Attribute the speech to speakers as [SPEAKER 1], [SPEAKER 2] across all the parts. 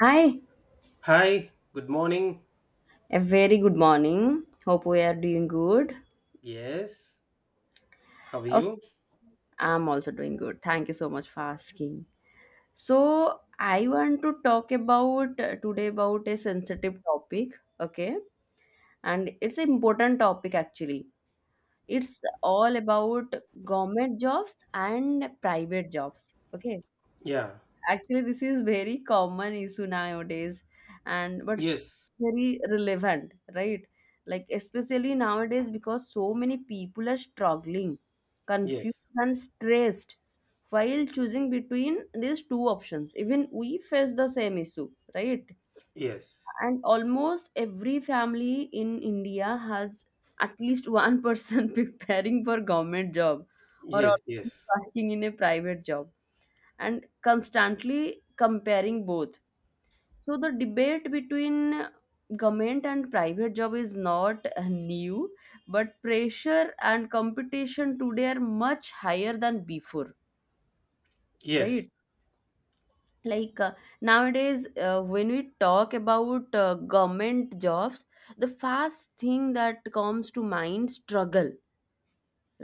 [SPEAKER 1] Hi,
[SPEAKER 2] Hi, good morning.
[SPEAKER 1] a very good morning. Hope we are doing good.
[SPEAKER 2] Yes, how are
[SPEAKER 1] Okay,
[SPEAKER 2] you?
[SPEAKER 1] I'm also doing good. Thank you so much for asking. So, I want to talk about today about a sensitive topic, okay? And it's an important topic actually. It's all about government jobs and private jobs, okay?
[SPEAKER 2] Yeah,
[SPEAKER 1] Actually, this is very common issue nowadays, and but still
[SPEAKER 2] yes,
[SPEAKER 1] very relevant, right? Like especially nowadays because so many people are struggling, confused
[SPEAKER 2] yes,
[SPEAKER 1] and stressed while choosing between these two options. Even we face the same issue, right?
[SPEAKER 2] yes,
[SPEAKER 1] And almost every family in India has at least one person preparing for government job or
[SPEAKER 2] yes,
[SPEAKER 1] already
[SPEAKER 2] yes,
[SPEAKER 1] working in a private job and constantly comparing both. So the debate between government and private job is not new, but pressure and competition today are much higher than before,
[SPEAKER 2] yes,
[SPEAKER 1] right? Like nowadays, when we talk about government jobs, the first thing that comes to mind struggle,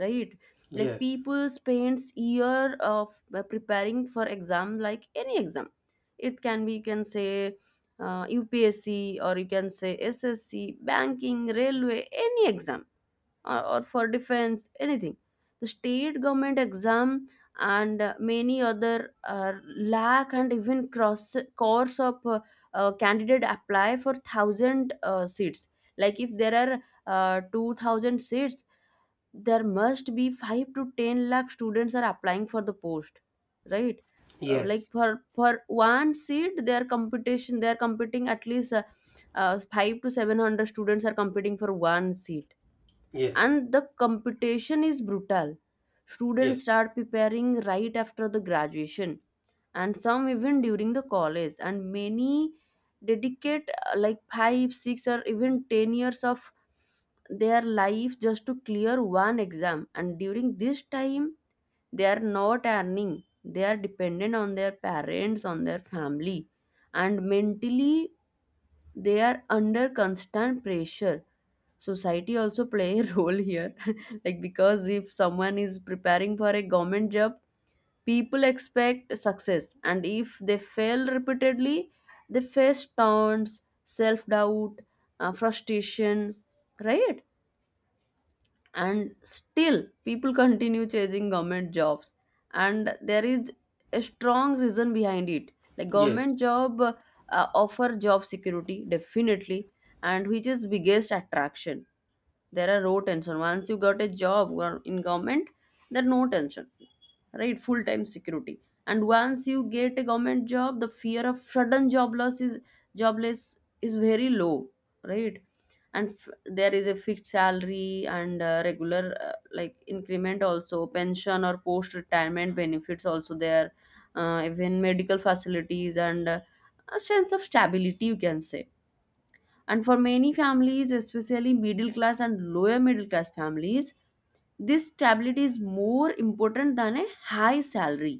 [SPEAKER 1] right? Like
[SPEAKER 2] yes, yes,
[SPEAKER 1] people spends year of preparing for exam, like any exam, it can be, you can say upsc or you can say ssc, banking, railway, any exam, or for defense, anything, the state government exam. And many other lack and even cross course of candidate apply for thousand seats. Like if there are 2000 seats, there must be 5 to 10 lakh students are applying for the post, right? Uh, like
[SPEAKER 2] yes,
[SPEAKER 1] for for one seat their competition, they are competing at least 5 to 700 students are competing for one seat,
[SPEAKER 2] yes,
[SPEAKER 1] and the competition is brutal. Students start preparing right after the graduation, and some even during the college, and many dedicate 5 6 or even 10 years of their life just to clear one exam. And during this time they are not earning, they are dependent on their parents, on their family, and mentally they are under constant pressure. Society also play a role here like because if someone is preparing for a government job, people expect success, and if they fail repeatedly, they face taunts, self-doubt, frustration, right? And still people continue chasing government jobs, and there is a strong reason behind it. Like
[SPEAKER 2] yes,
[SPEAKER 1] government job offer job security definitely, and which is biggest attraction. There are no tension once you got a job in government, there are no tension, right? Full time security. And once you get a government job, the fear of sudden job loss is jobless is very low, right? And there is a fixed salary and regular increment also, pension or post retirement benefits also there, even medical facilities and a sense of stability you can say. And for many families, especially middle class and lower middle class families, this stability is more important than a high salary,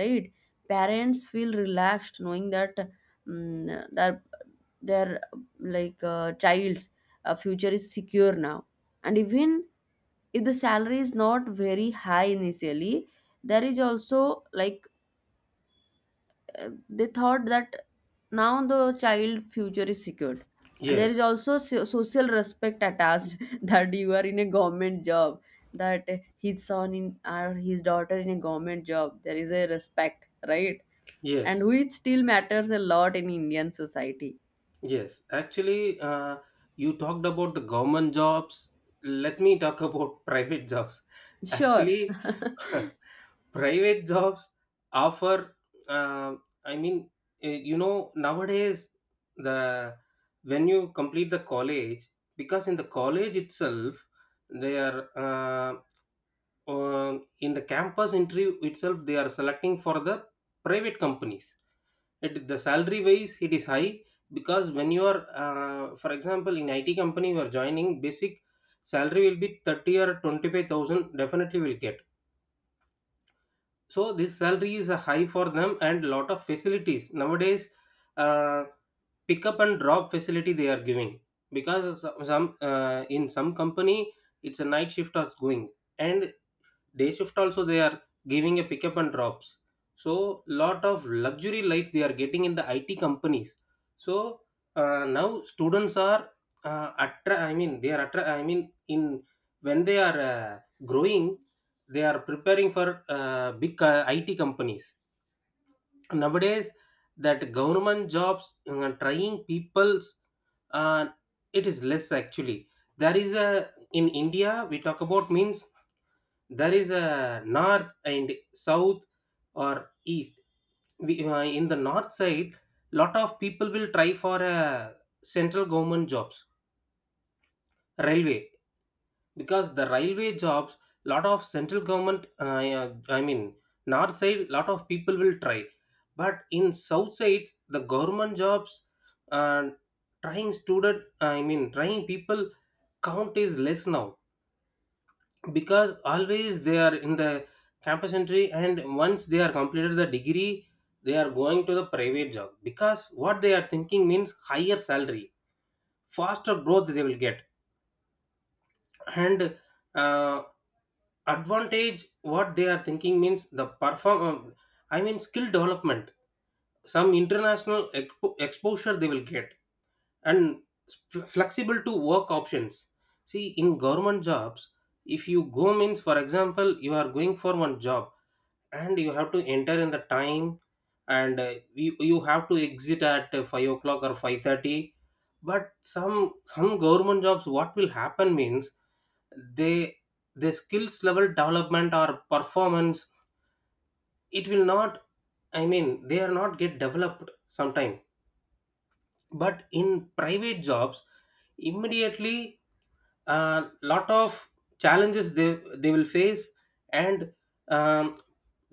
[SPEAKER 1] right? Parents feel relaxed knowing that mm, their their child's future is secure now. And even if the salary is not very high initially, there is also like, they thought that now the child future is secured. And there is
[SPEAKER 2] yes,
[SPEAKER 1] also social respect attached that you are in a government job, that his son in or his daughter in a government job, there is a respect, right? And
[SPEAKER 2] yes,
[SPEAKER 1] which still matters a lot in Indian society.
[SPEAKER 2] yes. Actually, you talked about the government jobs. Let me talk about private jobs.
[SPEAKER 1] Sure.
[SPEAKER 2] Actually, private jobs offer uh, I mean, nowadays, the when you complete the college, because in the college itself they are in the campus interview itself they are selecting for the private companies. The salary wise it is high, because when you are for example, in IT company you are joining, basic salary will be 30 or 25,000, definitely will get. So this salary is high for them, and lot of facilities nowadays. uh, Pick up and drop facility they are giving, because some, in some company it's a night shift is going, and day shift also they are giving a pickup and drops. So lot of luxury life they are getting in the IT companies. So now students are I mean they are I mean, in when they are growing, they are preparing for big IT companies nowadays. That government jobs, trying people's, uh, it is less actually. There is a, in India we talk about means, there is a north and south or east. In the north side lot of people will try for a central government jobs, railway, because the railway jobs, lot of central government, yeah, I mean, north side lot of people will try. But in south side, the government jobs and trying student, I mean trying people count is less now, because always they are in the campus entry, and once they are completed the degree they are going to the private job, because what they are thinking means higher salary, faster growth they will get. And uh, advantage what they are thinking means the perform I mean skill development, some international exposure they will get. And flexible to work options. See, in government jobs, if you go means, for example, you are going for one job, and you have to enter in the time, and you have to exit at 5 o'clock or 5:30. But some government jobs what will happen means, they, the skills level development or performance, it will not, I mean they are not get developed sometime. But in private jobs, immediately a lot of challenges they will face. And um,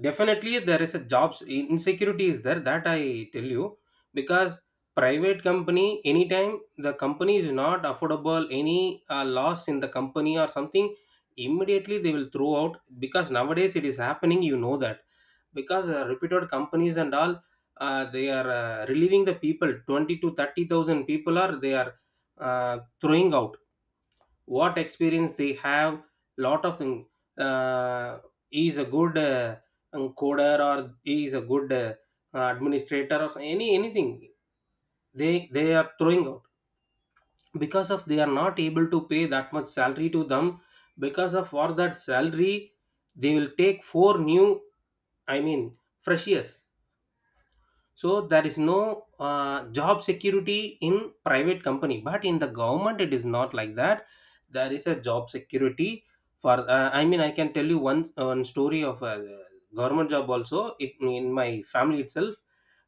[SPEAKER 2] definitely there is a jobs insecurity is there, that I tell you, because private company anytime the company is not affordable any loss in the company or something, immediately they will throw out, because nowadays it is happening, you know that. Because reputed companies and all, they are relieving the people, 20 to 30,000 people are they are throwing out. What experience they have, lot of thing, uh, he is a good coder, or he is a good administrator, or any anything, they are throwing out, because of they are not able to pay that much salary to them, because of for that salary they will take four new, I mean freshers. So there is no job security in private company, but in the government it is not like that. There is a job security for. I mean, I can tell you one story of a government job also. It, in my family itself,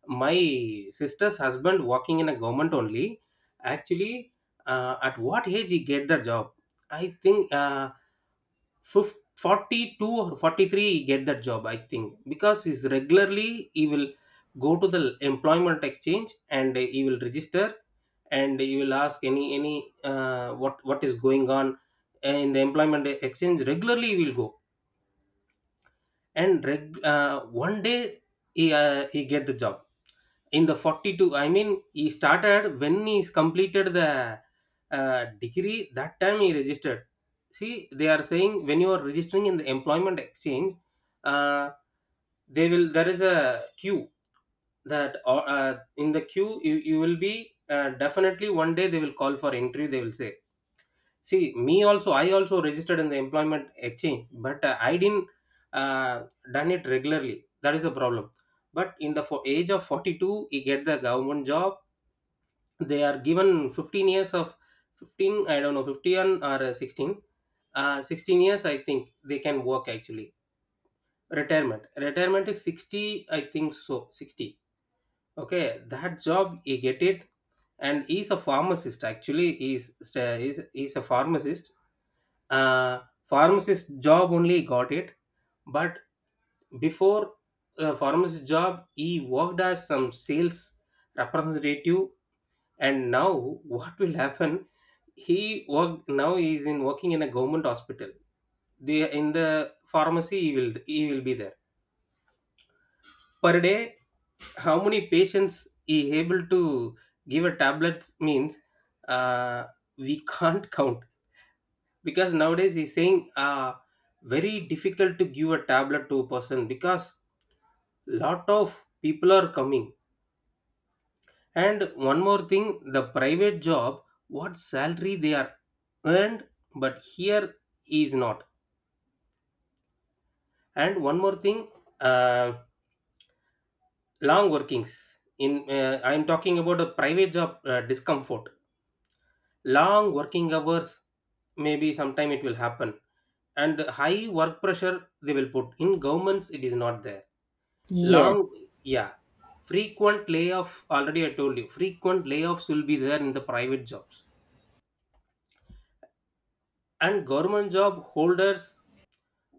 [SPEAKER 2] my sister's husband working in a government only. Actually, at what age he get the job? I think. 42 or 43 he get that job, I think, because he's regularly he will go to the employment exchange and you will register, and you will ask any what is going on in the employment exchange regularly you will go. And one day he get the job in the 42, I mean, he started when he's completed the degree, that time he registered. See, they are saying, when you are registering in the employment exchange, uh, they will, there is a queue, that in the queue you will be definitely one day they will call for entry they will say. See, me also, I also registered in the employment exchange, but I didn't uh, done it regularly. That is the problem. But in the for age of 42, you get the government job. They are given 15 years of 15, I don't know, 15 or 16. 16 years, I think they can work actually. Retirement. Retirement is 60, I think so, 60. Okay, that job, you get it. And he's a pharmacist actually. He's a pharmacist. Uh, Pharmacist job only got it, but before pharmacist job, he worked as some sales representative. And now what will happen? He work, now he is in working in a government hospital. The in the pharmacy he will be there per day. How many patients he able to give a tablets means, uh, we can't count, because nowadays he's saying very difficult to give a tablet to a person, because lot of people are coming. And one more thing, the private job, what salary they are earned, but here is not. And one more thing, uh, long workings in I am talking about a private job, discomfort, long working hours, maybe sometime it will happen, and high work pressure they will put in governments, it is not there. Long,
[SPEAKER 1] Yes.
[SPEAKER 2] yeah, frequent layoff. Already, I told you, frequent layoffs will be there in the private jobs, and government job holders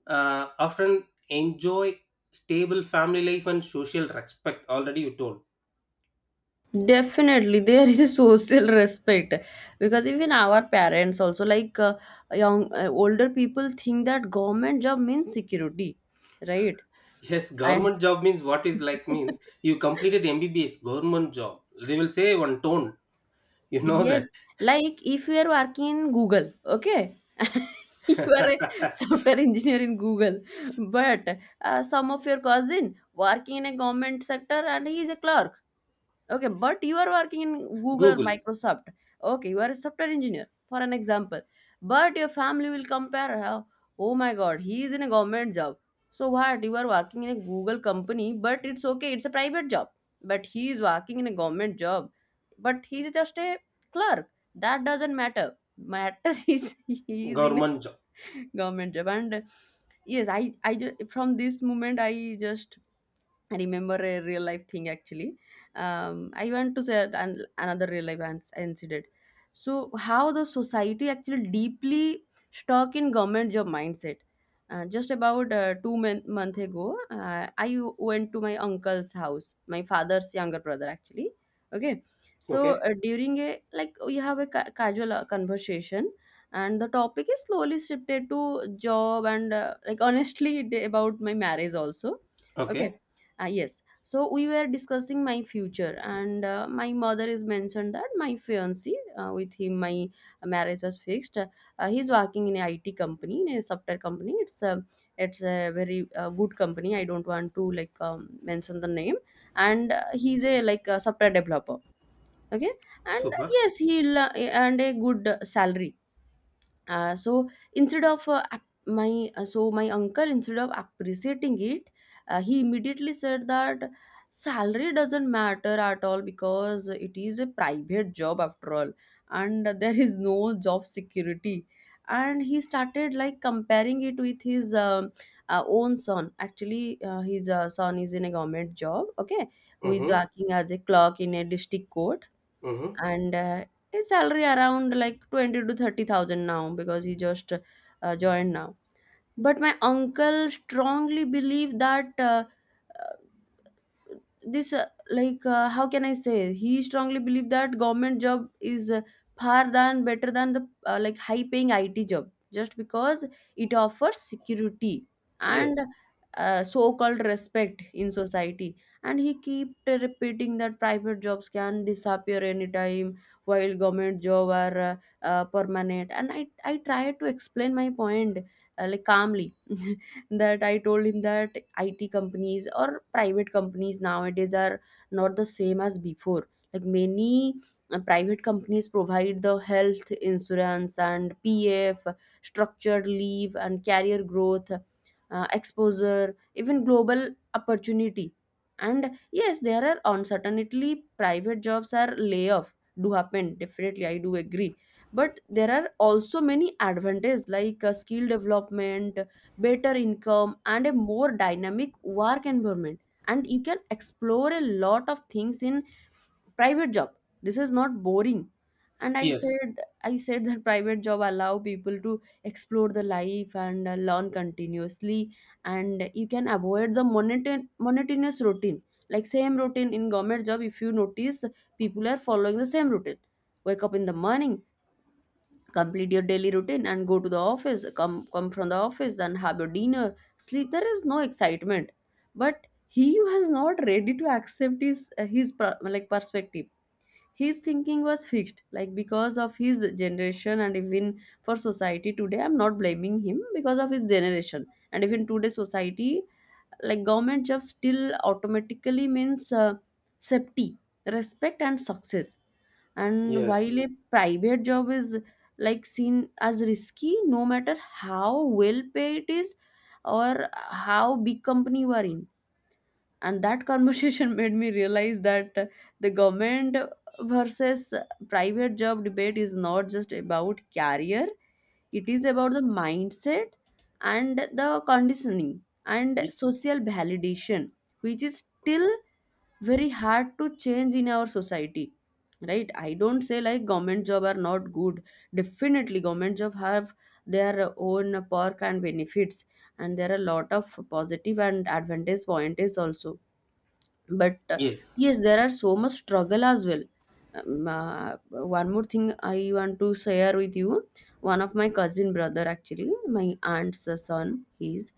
[SPEAKER 2] often enjoy stable family life and social respect. Already, you told.
[SPEAKER 1] Definitely, there is a social respect because even our parents also, like young older people think that government job means security, right?
[SPEAKER 2] Yes,
[SPEAKER 1] And
[SPEAKER 2] government job means what is like means, you completed MBBS government job. They will say one tone. You know that.
[SPEAKER 1] yes, like if you are working in Google, okay, you are a software engineer in Google, but some of your cousin working in a government sector and he is a clerk. Okay, but you are working in Google or
[SPEAKER 2] Google
[SPEAKER 1] Microsoft. Okay, you are a software engineer, for an example. But your family will compare how, oh my god, he is in a government job. So what? You are working in a Google company, but it's okay, it's a private job. But he is working in a government job. But he is just a clerk. That doesn't matter. Matter is he is in
[SPEAKER 2] government job.
[SPEAKER 1] a government job. And yes, I just, from this moment I remember a real life thing actually. I want to say another real life incident. So how the society actually deeply stuck in government job mindset. Just about two month ago, I went to my uncle's house, my father's younger brother actually. Okay, so
[SPEAKER 2] Okay.
[SPEAKER 1] during a, like, we have a casual conversation, and the topic is slowly shifted to job and like honestly about my marriage also. Okay,
[SPEAKER 2] Okay.
[SPEAKER 1] ah, yes. So we were discussing my future, and my mother is mentioned that my fiance, with him my marriage was fixed. He's working in a IT company, in a software company. It's a very good company. I don't want to like mention the name. And he's a like a software developer. Okay, and
[SPEAKER 2] Super.
[SPEAKER 1] yes, he'll and a good salary. So instead of ap- my so my uncle, instead of appreciating it, he immediately said that salary doesn't matter at all because it is a private job after all and there is no job security. And he started like comparing it with his own son actually, his son is in a government job, okay, who is
[SPEAKER 2] Mm-hmm.
[SPEAKER 1] working as a clerk in a district court.
[SPEAKER 2] Mm-hmm.
[SPEAKER 1] And his salary around like 20 to 30,000 now because he just joined now. But my uncle strongly believe that. This how can I say, he strongly believe that government job is far than better than the high paying IT job just because it offers security and
[SPEAKER 2] Yes.
[SPEAKER 1] so called respect in society. And he keep repeating that private jobs can disappear anytime while government job are permanent. And I tried to explain my point calmly that I told him that IT companies or private companies nowadays are not the same as before, like many private companies provide the health insurance and PF, structured leave and career growth, exposure, even global opportunity. And yes, there are uncertainty, private jobs are layoff do happen definitely, I do agree. But there are also many advantages like skill development, better income and a more dynamic work environment, and you can explore a lot of things in private job, this is not boring. And i
[SPEAKER 2] Yes.
[SPEAKER 1] said i said that private job allow people to explore the life and learn continuously, and you can avoid the monotonous routine, like same routine in government job. If you notice, people are following the same routine: wake up in the morning, complete your daily routine and go to the office, come from the office, then have your dinner, sleep. There is no excitement. But he was not ready to accept his perspective. His thinking was fixed, like, because of his generation, and even for society today, I'm not blaming him, because of his generation and even today society, like government job still automatically means safety, respect and success. And
[SPEAKER 2] Yes.
[SPEAKER 1] while a private job is like seen as risky, no matter how well paid it is or how big company you are in. And that conversation made me realize that the government versus private job debate is not just about career, it is about the mindset and the conditioning and
[SPEAKER 2] Y-
[SPEAKER 1] social validation, which is still very hard to change in our society, right? I don't say like government job are not good. Definitely government job have their own perk and benefits, and there are a lot of positive and advantage point is also. But
[SPEAKER 2] Yes.
[SPEAKER 1] yes, there are so much struggle as well. One more thing I want to share with you. One of my cousin brother actually, my aunt's son, he's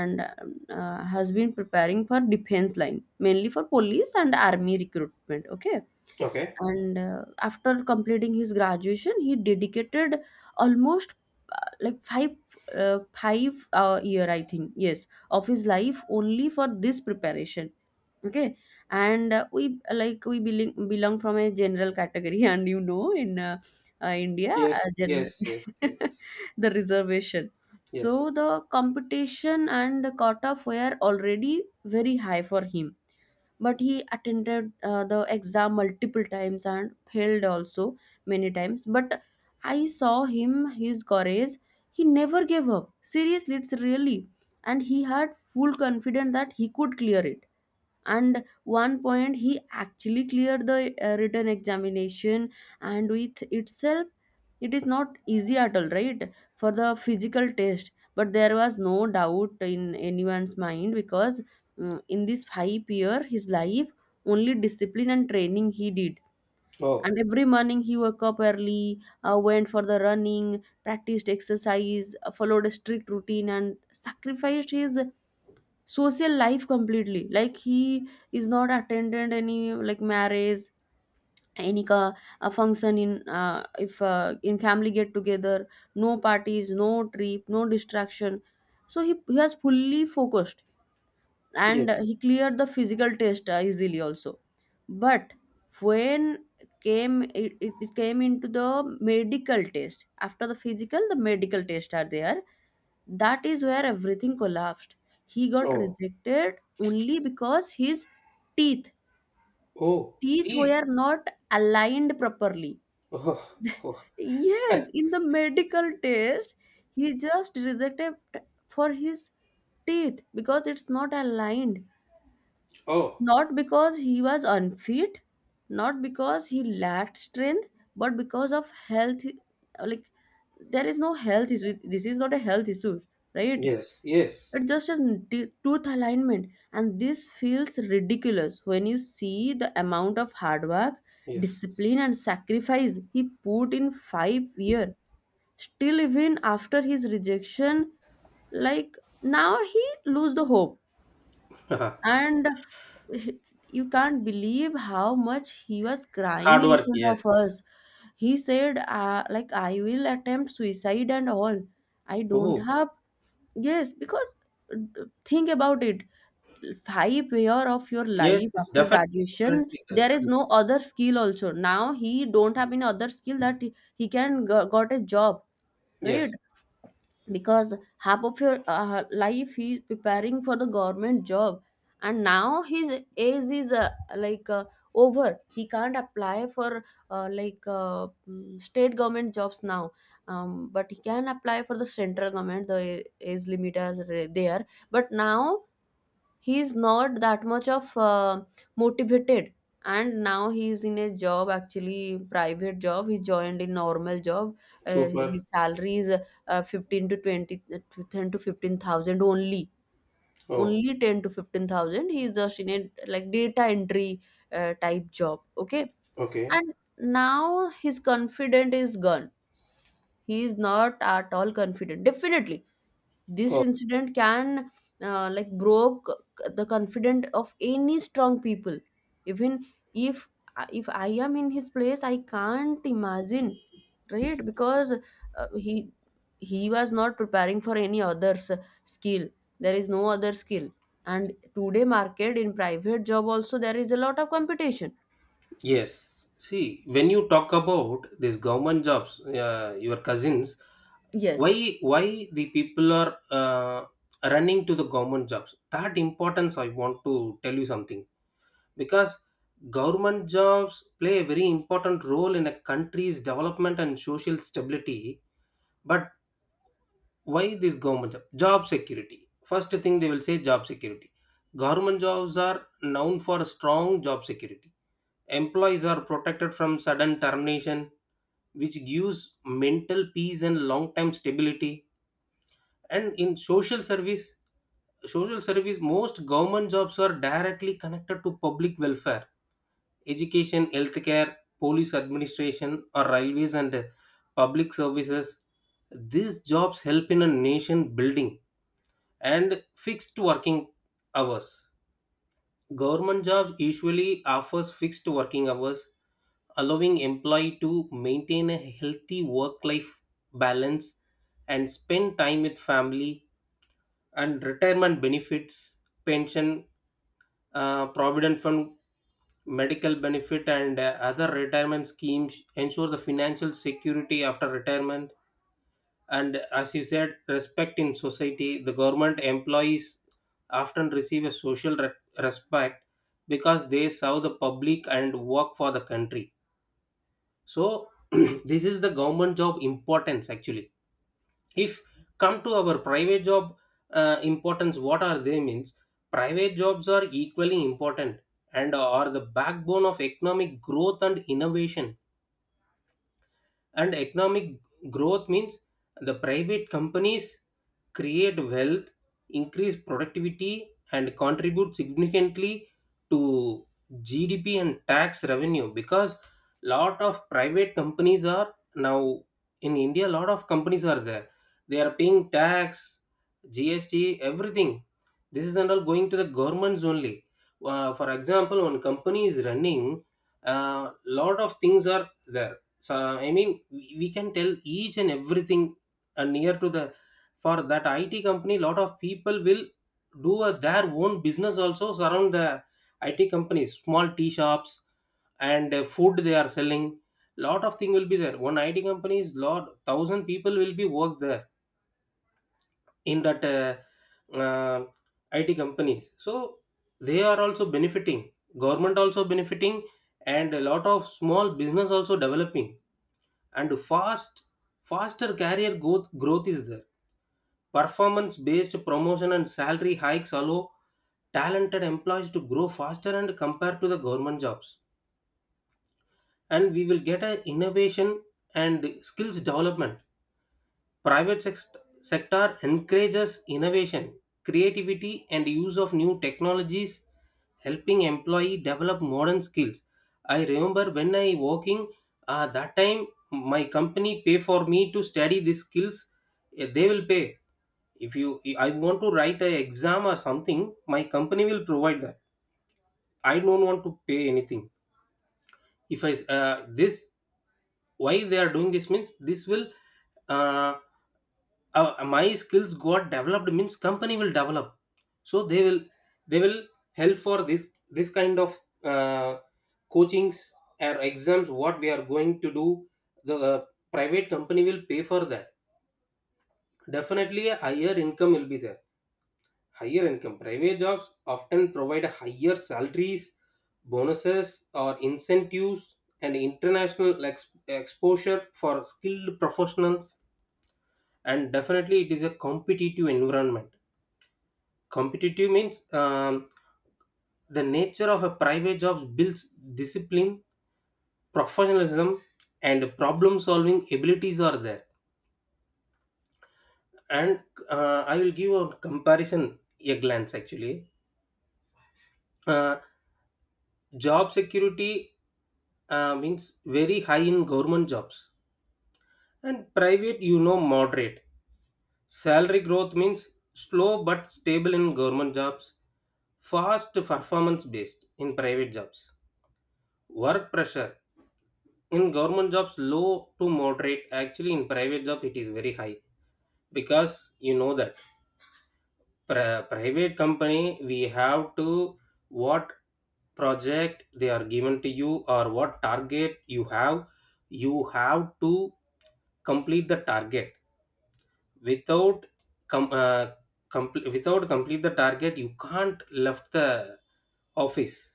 [SPEAKER 1] and has been preparing for defense line, mainly for police and army recruitment, okay.
[SPEAKER 2] Okay.
[SPEAKER 1] And after completing his graduation, he dedicated almost five year I think, yes, of his life only for this preparation, okay. And we like we belong from a general category and you know in India
[SPEAKER 2] Yes, yes, yes, yes,
[SPEAKER 1] the reservation.
[SPEAKER 2] yes.
[SPEAKER 1] So the competition and the quota were already very high for him, but he attended the exam multiple times and failed also many times. But I saw him, his courage, he never gave up seriously, it's really. And he had full confidence that he could clear it. And one point he actually cleared the written examination, and with itself it is not easy at all, right? For the physical test, but there was no doubt in anyone's mind. Because in this 5 year his life only discipline and training he did.
[SPEAKER 2] Oh,
[SPEAKER 1] And every morning he woke up early, went for the running, practiced exercise, followed a strict routine, and sacrificed his social life completely. Like, he is not attended any like marriage, any ka, a function in if in family get together. No parties, no trip, no distraction. So he has fully focused and
[SPEAKER 2] yes.
[SPEAKER 1] he cleared the physical test easily also. But when came it came into the medical test, after the physical the medical test are there, that is where everything collapsed. He got
[SPEAKER 2] Oh,
[SPEAKER 1] rejected only because his teeth
[SPEAKER 2] oh,
[SPEAKER 1] teeth
[SPEAKER 2] teeth.
[SPEAKER 1] were not aligned properly.
[SPEAKER 2] Oh, oh,
[SPEAKER 1] Yes, in the medical test he just rejected for his teeth because it's not aligned.
[SPEAKER 2] oh.
[SPEAKER 1] Not because he was unfit, not because he lacked strength, but because of health. Like, there is no health issue. This is not a health issue, right?
[SPEAKER 2] Yes, yes,
[SPEAKER 1] It's just a tooth alignment. And this feels ridiculous when you see the amount of hard work,
[SPEAKER 2] yes.
[SPEAKER 1] discipline, and sacrifice he put in 5 years. Still, even after his rejection, like now he lose the hope,
[SPEAKER 2] Haha.
[SPEAKER 1] and you can't believe how much he was crying
[SPEAKER 2] Hard
[SPEAKER 1] in
[SPEAKER 2] work.
[SPEAKER 1] front
[SPEAKER 2] Yes.
[SPEAKER 1] of us. He said, like, I will attempt suicide and all. I don't
[SPEAKER 2] Oh,
[SPEAKER 1] have. Yes, because think about it. 5 year of your
[SPEAKER 2] yes,
[SPEAKER 1] life
[SPEAKER 2] yes,
[SPEAKER 1] after
[SPEAKER 2] definitely.
[SPEAKER 1] graduation,
[SPEAKER 2] Definitely,
[SPEAKER 1] there is no other skill also. Now he don't have any other skill that he can got a job, right?
[SPEAKER 2] yes,
[SPEAKER 1] Because half of your life he is preparing for the government job, and now his age is like uh, over. He can't apply for state government jobs now. But he can apply for the central government, the age limit is there. But now he is not that much of motivated. And now he is in a job, actually private job, he joined a normal job.
[SPEAKER 2] super.
[SPEAKER 1] His salary is 15 to 20 to 10 to 15,000 only
[SPEAKER 2] Oh,
[SPEAKER 1] only 10 to 15,000. He is just in a like data entry type job, okay.
[SPEAKER 2] okay.
[SPEAKER 1] And now his confidence is gone, he is not at all confident. Definitely this incident can like broke the confidence of any strong people. Even if I am in his place, I can't imagine, right? Because he was not preparing for any other skill. There is no other skill. And today market in private job also there is a lot of competition.
[SPEAKER 2] Yes. See, when you talk about these government jobs, your cousins,
[SPEAKER 1] Yes.
[SPEAKER 2] why the people are running to the government jobs? That importance I want to tell you something, because government jobs play a very important role in a country's development and social stability. But why this government job? Job security. First thing they will say, job security. Government jobs are known for strong job security. Employees are protected from sudden termination, which gives mental peace and long-term stability. And in social service, most government jobs are directly connected to public welfare, education, healthcare, police administration, or railways and public services. These jobs help in a nation building. And fixed working hours. Government jobs usually offers fixed working hours, allowing employee to maintain a healthy work life balance and spend time with family. And retirement benefits, pension, provident fund, medical benefit, and other retirement schemes ensure the financial security after retirement. And as you said, respect in society, the government employees often receive a respect, because they serve the public and work for the country. So this is the government job importance actually. If come to our private job, importance what are they means, private jobs are equally important and are the backbone of economic growth and innovation. And economic growth means the private companies create wealth, increase productivity, and contribute significantly to GDP and tax revenue, because lot of private companies are now in India, lot of companies are there, they are paying tax, GST, everything. This is not all going to the governments only. For example, when company is running, a lot of things are there. So I mean we can tell each and everything near to the, for that IT company lot of people will do a, their own business also, surround the IT companies, small tea shops and food they are selling, lot of thing will be there. One IT company is lot, thousand people will be work there in that uh, IT companies. So they are also benefiting, government also benefiting, and a lot of small business also developing. And faster career growth, growth is there. Performance based promotion and salary hikes allow talented employees to grow faster and compared to the government jobs. And we will get a innovation and skills development. Private sex- sector encourages innovation, creativity and use of new technologies, helping employee develop modern skills. I remember when I working, that time my company pay for me to study these skills. They will pay if you I want to write an exam or something, my company will provide that, I don't want to pay anything. If this, why they are doing this means, this will uh, my skills got developed means company will develop, so they will, they will help for this kind of uh, coachings or exams what we are going to do. The private company will pay for that. Definitely a higher income will be there. Higher income. Private jobs often provide higher salaries, bonuses, or incentives, and international exposure for skilled professionals. And definitely, it is a competitive environment. Competitive means, the nature of a private job builds discipline, professionalism, and problem solving abilities are there. And I will give a comparison, a glance actually. Uh, Job security means very high in government jobs, and private, moderate. Salary growth means slow but stable in government jobs, fast performance based in private jobs. Work pressure in government jobs low to moderate, actually in private job it is very high, because you know that private company we have to, what project they are given to you or what target you have, you have to complete the target without com- uh, without complete the target you can't left the office.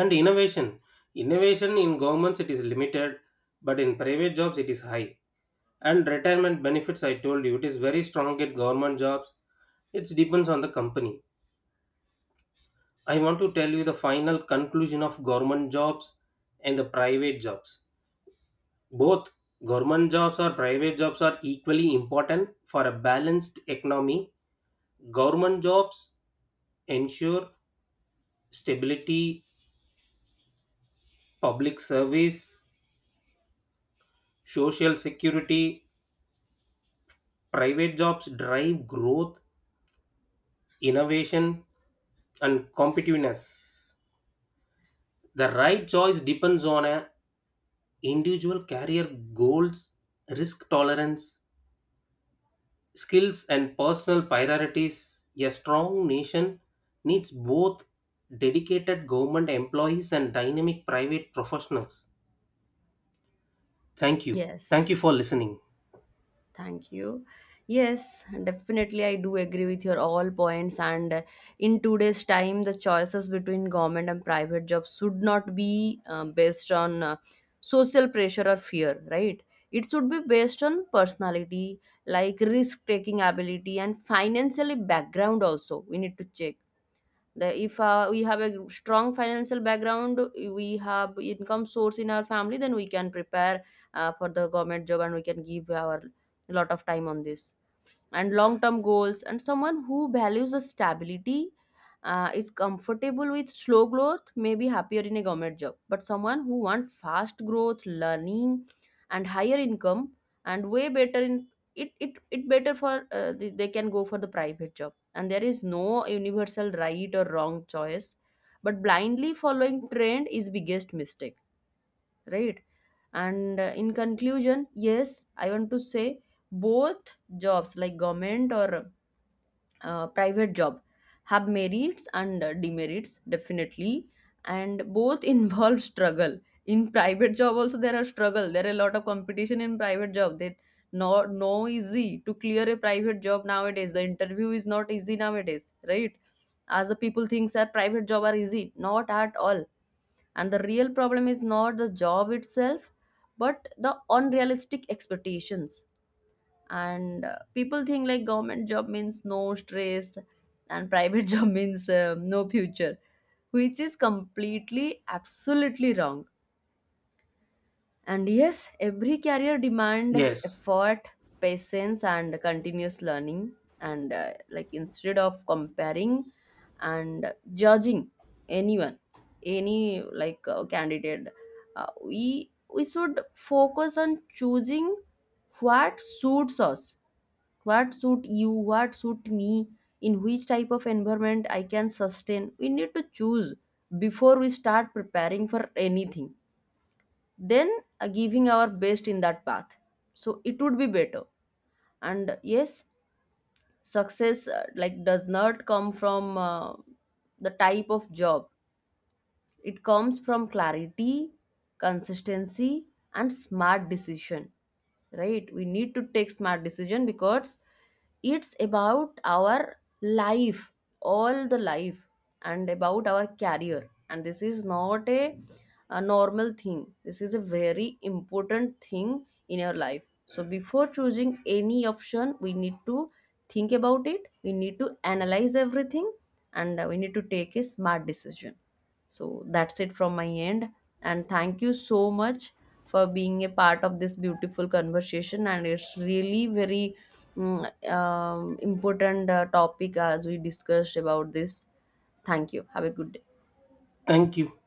[SPEAKER 2] And innovation in governments it is limited, but in private jobs it is high. And retirement benefits I told you it is very strong at government jobs, it depends on the company. I want to tell you the final conclusion of government jobs and the private jobs. Both government jobs or private jobs are equally important for a balanced economy. Government jobs ensure stability, public service, social security. Private jobs drive growth, innovation, and competitiveness. The right choice depends on a individual career goals, risk tolerance, skills, and personal priorities. A strong nation needs both dedicated government employees and dynamic private professionals. Thank you. Thank you
[SPEAKER 1] Yes.
[SPEAKER 2] for listening.
[SPEAKER 1] Thank you. Yes, definitely, I do agree with your all points. And in today's time, the choices between government and private jobs should not be based on social pressure or fear, right? It should be based on personality, like risk taking ability and financially background. Also, we need to check the if we have a strong financial background, we have income source in our family, then we can prepare for the government job, and we can give our lot of time on this and long term goals. And someone who values the stability is comfortable with slow growth may be happier in a government job. But someone who wants fast growth learning and higher income and way better in it better for they can go for the private job. And there is no universal right or wrong choice, but blindly following trend is biggest mistake, right? And in conclusion, yes, I want to say both jobs, like government or private job, have merits and demerits, definitely. And both involve struggle. In private job also there are struggle, there are a lot of competition in private job. That no easy to clear a private job nowadays, the interview is not easy nowadays, right? As the people thinks that private job are easy, not at all. And the real problem is not the job itself but the unrealistic expectations. And people think like government job means no stress and private job means no future, which is completely absolutely wrong. And yes, every career demand
[SPEAKER 2] Yes.
[SPEAKER 1] effort, patience, and continuous learning. And like, instead of comparing and judging anyone, any like candidate, we should focus on choosing what suits us, what suit you, what suit me, in which type of environment I can sustain. We need to choose before we start preparing for anything, then giving our best in that path, so it would be better. And yes, success like does not come from the type of job, it comes from clarity, consistency, and smart decision. Right? We need to take smart decision because it's about our life, all the life, and about our career. And this is not a normal thing. This is a very important thing in your life. So before choosing any option, we need to think about it. We need to analyze everything, and we need to take a smart decision. So that's it from my end. And thank you so much for being a part of this beautiful conversation. And it's really very important topic as we discussed about this. Thank you. Have a good day.
[SPEAKER 2] Thank you.